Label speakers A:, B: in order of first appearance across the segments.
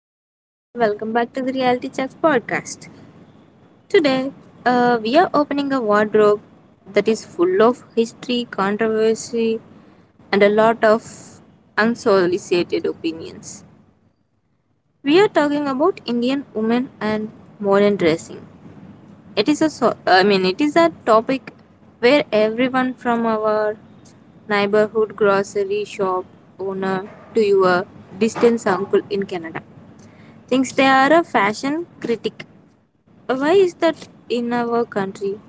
A: is Ruchita. Welcome back to the Reality Check podcast. Today, we are opening a wardrobe that is full of history, controversy, and a lot of unsolicited opinions. We are talking about Indian women and modern dressing. It is a so- I mean, it is a topic where everyone from our neighborhood grocery shop owner to your distant uncle in Canada thinks they are a fashion critic. Why is that in our country?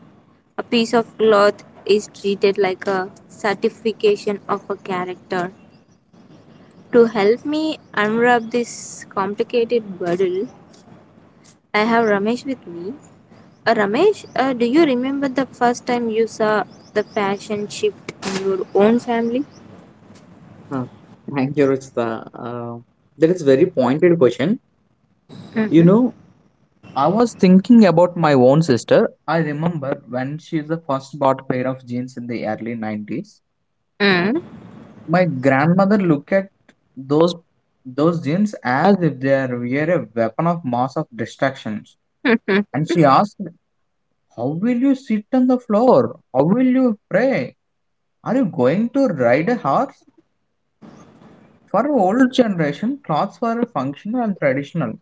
A: A piece of cloth is treated like a certification of a character. To help me unwrap this complicated bundle, I have Ramesh with me. Ramesh, do you remember the first time you saw the fashion shift in your own family?
B: Huh. Thank you, Ruchita. That is very pointed question. You
A: Mm-hmm.
B: know, I was thinking about my own sister. I remember when she the first bought pair of jeans in the early 90s.
A: Mm-hmm.
B: My grandmother looked at those those jeans as if they are were a weapon of mass of distractions. And she asked, how will you sit on the floor? How will you pray? Are you going to ride a horse? For old generation, clothes were functional and traditional.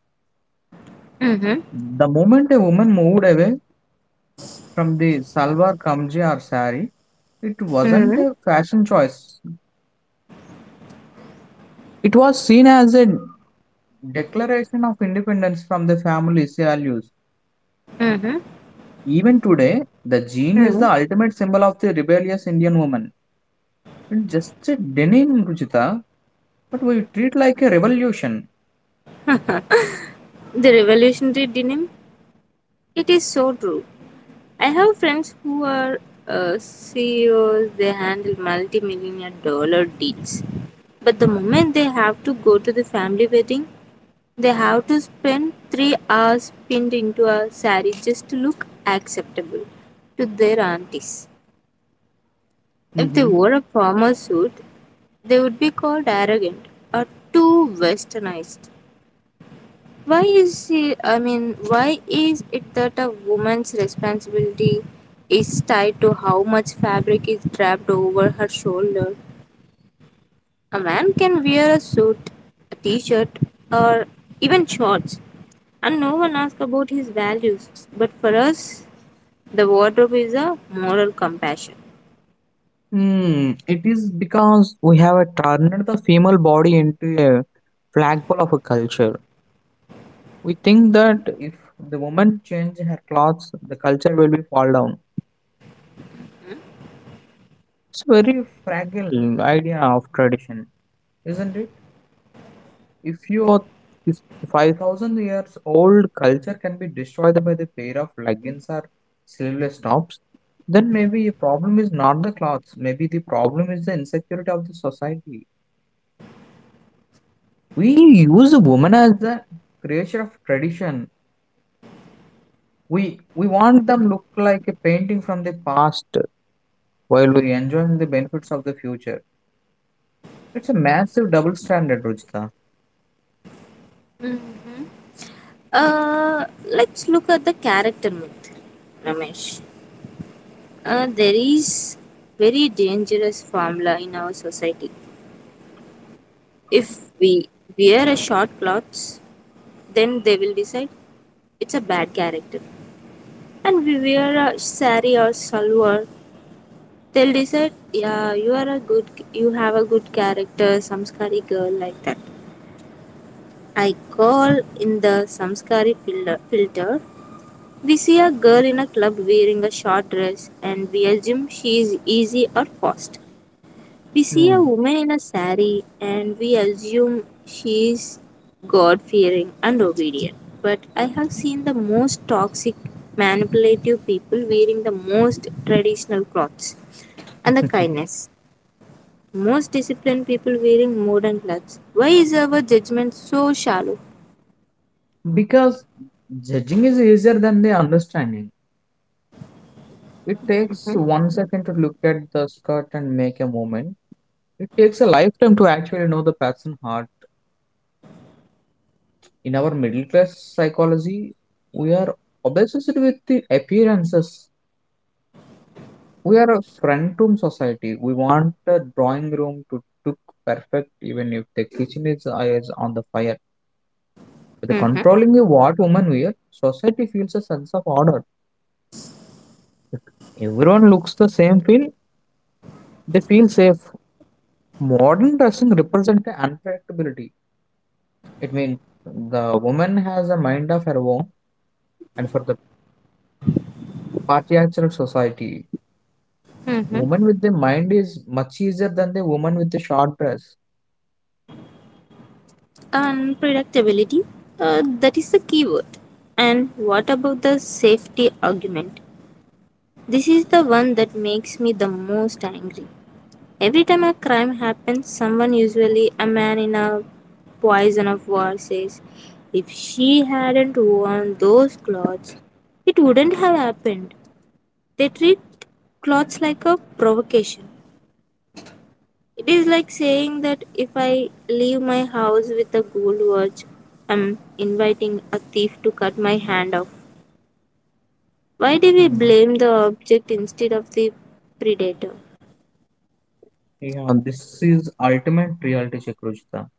A: Mm-hmm.
B: The moment a woman moved away from the salwar kamji or sari, it wasn't
A: Mm-hmm.
B: a fashion choice. It was seen as a declaration of independence from the family's values. Even today, the jean is the
A: Mm-hmm.
B: ultimate symbol of the rebellious Indian woman. It's just a denim, Ruchita, but we treat like a revolution.
A: The revolutionary denim? It is so true. I have friends who are CEOs, they handle multi million dollar deals. But the moment they have to go to the family wedding, they have to spend 3 hours pinned into a saree just to look acceptable to their aunties. If they
B: hmm
A: wore a formal suit, they would be called arrogant or too westernized. I mean, why is it that a woman's responsibility is tied to how much fabric is draped over her shoulder? A man can wear a suit, a t-shirt, or even shorts, and no one asks about his values. But for us, the wardrobe is a moral compassion.
B: Hmm, it is because we have turned the female body into a flagpole of a culture. We think that if the woman change her clothes, the culture will be fall down. It's very fragile idea of tradition, isn't it? If you are if 5,000 years old culture can be destroyed by the pair of leggings or sleeveless tops, then maybe a problem is not the clothes. Maybe the problem is the insecurity of the society. We use the woman as the creature of tradition. We want them look like a painting from the past while we enjoying the benefits of the future. It's a massive double standard, Ruchita.
A: Hmm. Uh, let's look at the character myth, Ramesh. There is very dangerous formula in our society. If we wear a short clothes, then they will decide it's a bad character. And we wear a sari or salwar, they'll decide, yeah, you are a good, you have a good character, samskari girl like that. I call in the samskari filter. We see a girl in a club wearing a short dress, and we assume she is easy or fast. We see a
B: Hmm.
A: woman in a sari and we assume she is God fearing and obedient. But I have seen the most toxic, manipulative people wearing the most traditional clothes and the kindness. Most disciplined people wearing modern clothes. Why is our judgment so shallow?
B: Because judging is easier than the understanding. It takes
A: Mhm.
B: 1 second to look at the skirt and make a moment. It takes a lifetime to actually know the person heart. In our middle class psychology, we are obsessed with the appearances. We are a front room society. We want a drawing room to look perfect even if the kitchen is on the fire. The
A: Mhm.
B: controlling of what women wear, society feels a sense of order. If everyone looks the same feel, they feel safe. Modern dressing represents unpredictability. It means the woman has a mind of her own and for the patriarchal society.
A: Mhm.
B: Woman with the mind is much easier than the woman with the short dress.
A: Unpredictability. That is the key word. And what about the safety argument? This is the one that makes me the most angry. Every time a crime happens, someone, usually a man in a poison of war, says, if she hadn't worn those clothes, it wouldn't have happened. They treat clothes like a provocation. It is like saying that if I leave my house with a gold watch, I'm inviting a thief to cut my hand off. Why do we
B: Hmm.
A: blame the object instead of the predator?
B: Yeah, this is ultimate reality check, Ruchita.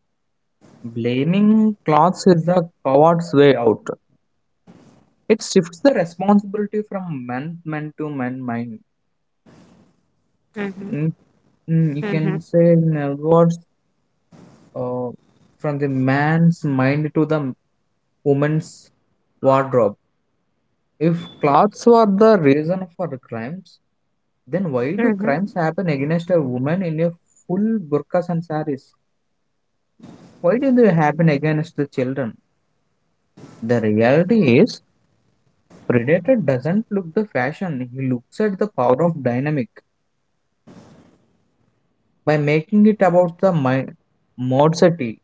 B: Blaming clothes is a coward's way out. It shifts the responsibility from men to men mind. Mm, mm, you
A: Mhm.
B: can say in words, uh, from the man's mind to the woman's wardrobe. If clothes were the reason for the crimes, then why do crimes
A: Mhm.
B: happen against a woman in a full burqas and saris? Why do they happen against the children? The reality is, predator doesn't look the fashion; he looks at the power of dynamic by making it about the modesty.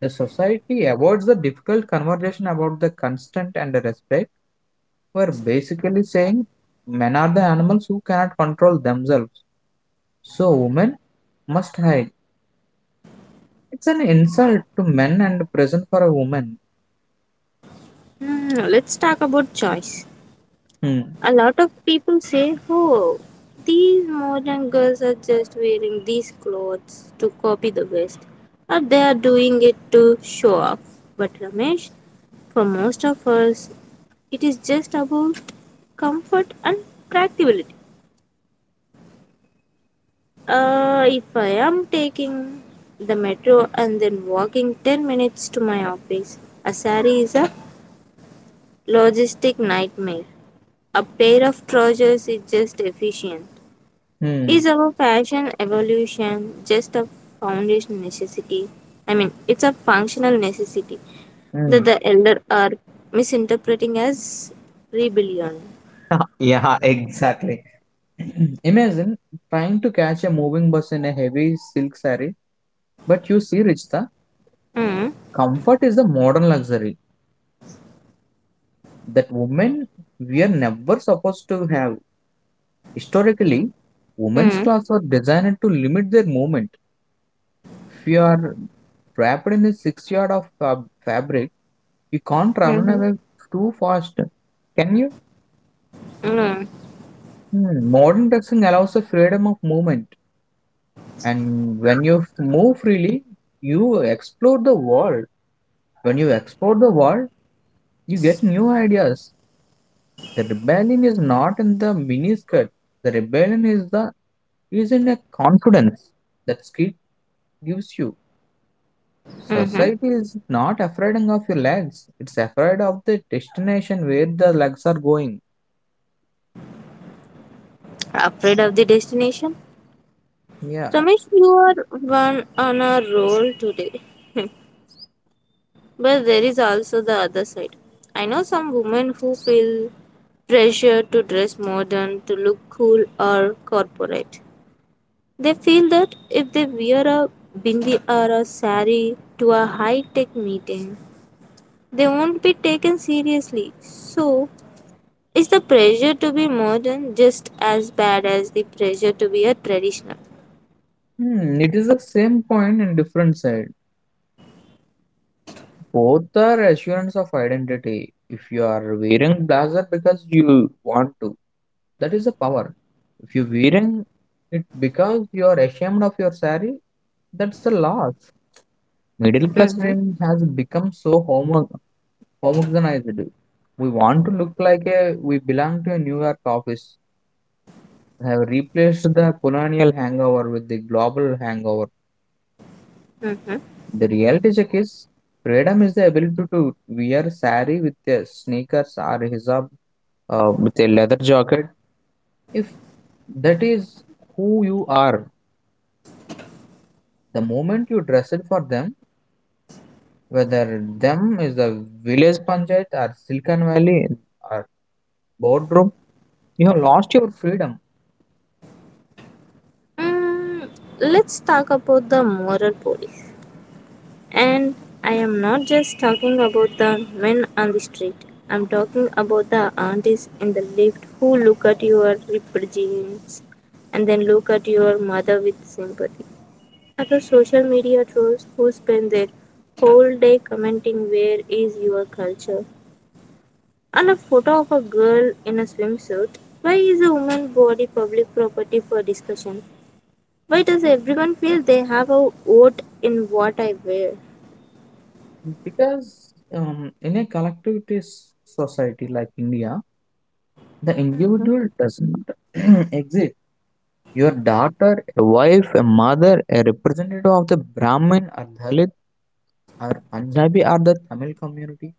B: The society avoids the difficult conversation about the consent and the respect, were basically saying men are the animals who cannot control themselves, so women must hide. It's an insult to men and present for a woman.
A: Hmm. Let's talk about choice.
B: Hmm.
A: A lot of people say, oh, these modern girls are just wearing these clothes to copy the West, or they are doing it to show off. But Ramesh, for most of us, it is just about comfort and practicability. If I am taking the metro and then walking 10 minutes to my office, a sari is a logistic nightmare. A pair of trousers is just efficient.
B: Hmm.
A: Is our fashion evolution just a foundation necessity? I mean, it's a functional necessity that
B: Hmm.
A: the elder are misinterpreting as rebellion.
B: Yeah, exactly. Imagine trying to catch a moving bus in a heavy silk saree, but you see, Richta,
A: Mm.
B: comfort is a modern luxury that women we are never supposed to have. Historically, women's
A: Mm.
B: clothes were designed to limit their movement. If you are wrapped in a 6 yard of fabric, you can't run
A: Mm-hmm.
B: away too fast. Can you?
A: Mm.
B: Hmm, modern dressing allows the freedom of movement, and when you move freely, you explore the world. When you explore the world, you get new ideas. The rebellion is not in the miniskirt. The rebellion is in a confidence that skirt gives you.
A: Mm-hmm.
B: Society is not afraid of your legs. It's afraid of the destination where the legs are going.
A: Afraid of the destination?
B: Yeah.
A: Ramesh, you are one on a roll today. But there is also the other side. I know some women who feel pressure to dress modern, to look cool or corporate. They feel that if they wear a bindi or a sari to a high tech meeting, they won't be taken seriously. So, is the pressure to be modern just as bad as the pressure to be a traditional?
B: Hmm, it is the same point in different side. Both are assurance of identity. If you are wearing blazer because you want to, that is a power. If you wearing it because you are ashamed of your sari, that's the loss. Middle class
A: Mm-hmm.
B: dream has become so homogenized. We want to look like a we belong to a New York office have replaced the colonial hangover with the global hangover.
A: Mm-hmm.
B: The reality check is freedom is the ability to wear sari with the sneakers or hijab, with a leather jacket. If that is who you are, the moment you dress it for them, whether them is the village panchayat or Silicon Valley or boardroom, you have lost your freedom
A: Mm, let's talk about the moral police. And I am not just talking about the men on the street. I'm talking about the aunties in the lift who look at your ripped jeans and then look at your mother with sympathy. Or the social media trolls who spend their whole day commenting where is your culture. And a photo of a girl in a swimsuit. Why is a woman body public property for discussion? Why does everyone feel they have a vote in what I wear?
B: because in a collectivist society like India. The individual doesn't exist. Your daughter, a wife, a mother, a representative of the Brahmin or Dalit or Punjabi or the Tamil community.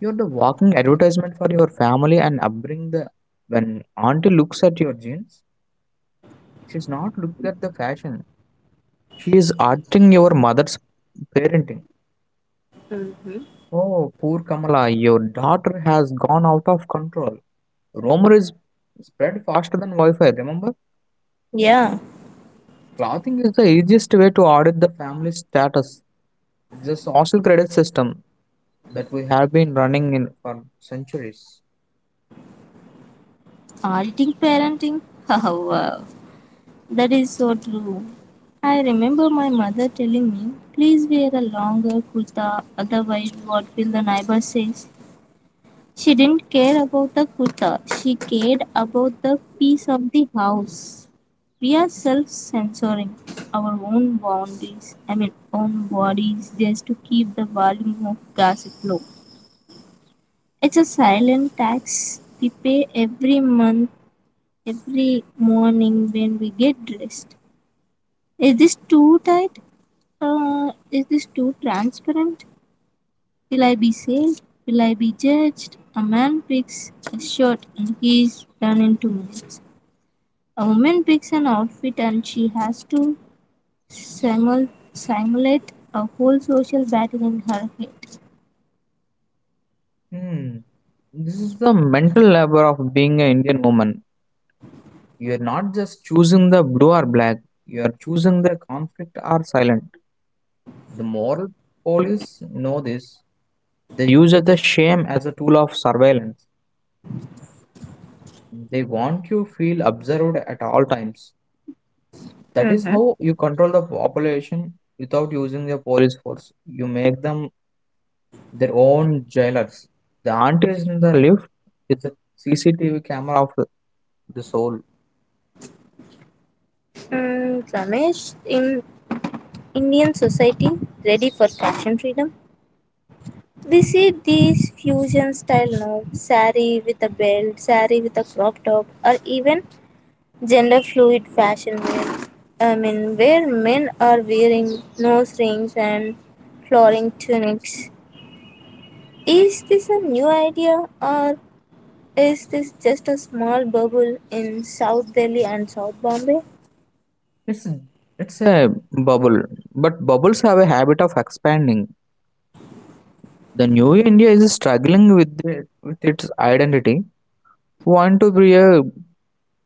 B: You're the walking advertisement for your family and upbringing. The when auntie looks at your jeans, she's not looking at the fashion. She is arting your mother's parenting.
A: Hmm.
B: Oh, poor Kamala, your daughter has gone out of control. Rumor is spread faster than Wi-Fi. Remember?
A: Yeah.
B: Clothing is the easiest way to audit the family status. It's a social credit system that we have been running in for centuries.
A: Auditing parenting? Wow, that is so true. I remember my mother telling me, please wear a longer kurta, otherwise, what will the neighbor say? She didn't care about the kurta, she cared about the peace of the house. We are self censoring our own boundaries, I mean, own bodies, just to keep the volume of gossip low. It's a silent tax we pay every month every morning when we get dressed. Is this too tight? Is this too transparent? Will I be saved? Will I be judged? A man picks a shirt and he's done in 2 minutes. A woman picks an outfit and she has to simulate a whole social battle in her head.
B: Hmm. This is the mental labor of being an Indian woman. You are not just choosing the blue or black, you are choosing the conflict or silent. The moral police know this. They use the shame as a tool of surveillance. They want you feel observed at all times. That is
A: Mm-hmm.
B: how you control the population without using the police force. You make them their own jailers. The auntie is in the lift. It's a CCTV camera of the soul.
A: Mm, Ramesh, in Indian society, ready for fashion freedom? We see these fusion style now saree with a belt, saree with a crop top, or even gender fluid fashion wear. I mean, where men are wearing nose rings and flowing tunics. Is this a new idea or is this just a small bubble in South Delhi and South Bombay?
B: It's it's a bubble, but bubbles have a habit of expanding. The new India is struggling with the, with its identity. We want to be a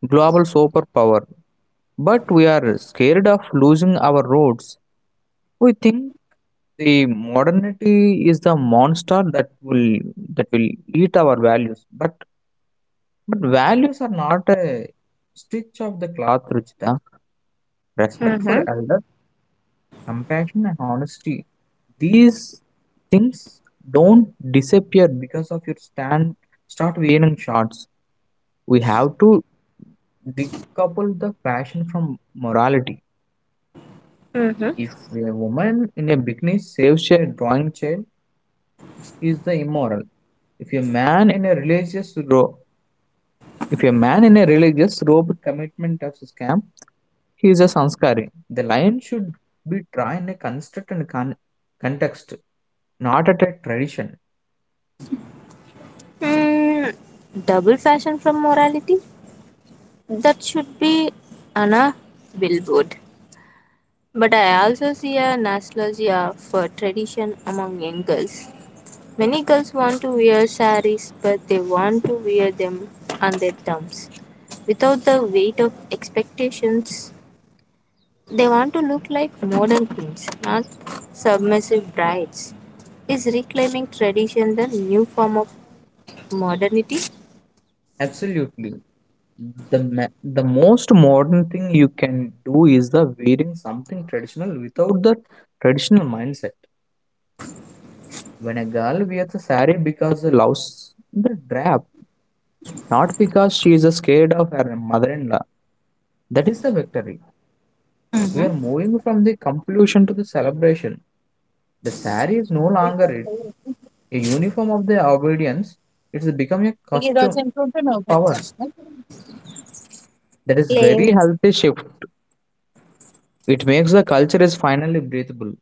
B: global superpower, but we are scared of losing our roots. We think the modernity is the monster that will eat our values. But values are not a stitch of the cloth, Ruchita. Respect for
A: Mm-hmm.
B: elder, compassion and honesty. These things don't disappear because of your stand start wearing shorts. We have to decouple the fashion from morality.
A: Mm-hmm.
B: If a woman in a bikini saves a drawing child, is the immoral. If a man in a religious ro- If a man in a religious robe commitment of scam, he is a sanskari. The lion should be try in a construct and context, not at a tradition.
A: Mm, Double fashion from morality? That should be Anna Billboard. But I also see a nostalgia for tradition among young girls. Many girls want to wear saris, but they want to wear them on their terms. Without the weight of expectations, they want to look like modern queens, not submissive brides. Is reclaiming tradition the new form of modernity?
B: Absolutely. The, ma- the most modern thing you can do is the wearing something traditional without the traditional mindset. When a girl wears a sari because she loves the drab, not because she is scared of her mother-in-law, that is the victory. We are moving from the compulsion to the celebration. The sari is no longer
A: Like
B: a uniform of the obedience, it's become a
A: it also
B: costume
A: improved the noble.
B: power. That is very healthy shift. It makes the culture is finally breathable.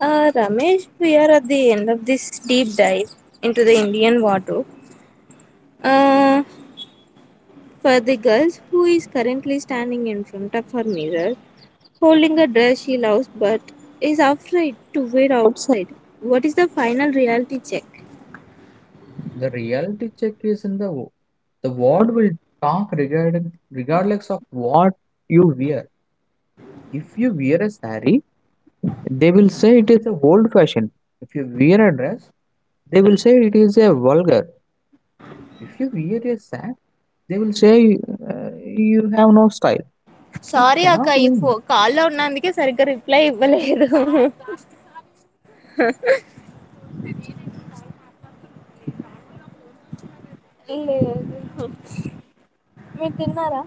A: Ramesh, we are at the end of this deep dive into the Indian wardrobe. Uh, for the girls who is currently standing in front of her mirror, holding a dress she loves but is afraid to wear outside, what is the final reality check?
B: The reality check is in the the world will talk regarding regardless of what you wear. If you wear a sari, they will say it is a old fashioned. If you wear a dress, they will say it is a vulgar. If you wear a sack, they will say uh, you have no style. You
A: sorry అక్క
B: cannot
A: ఈ ఫో
B: win.
A: కాల్లో ఉన్నందుకే సరిగ్గా reply ఇవ్వలేదు లేదు మీరు తిన్నారా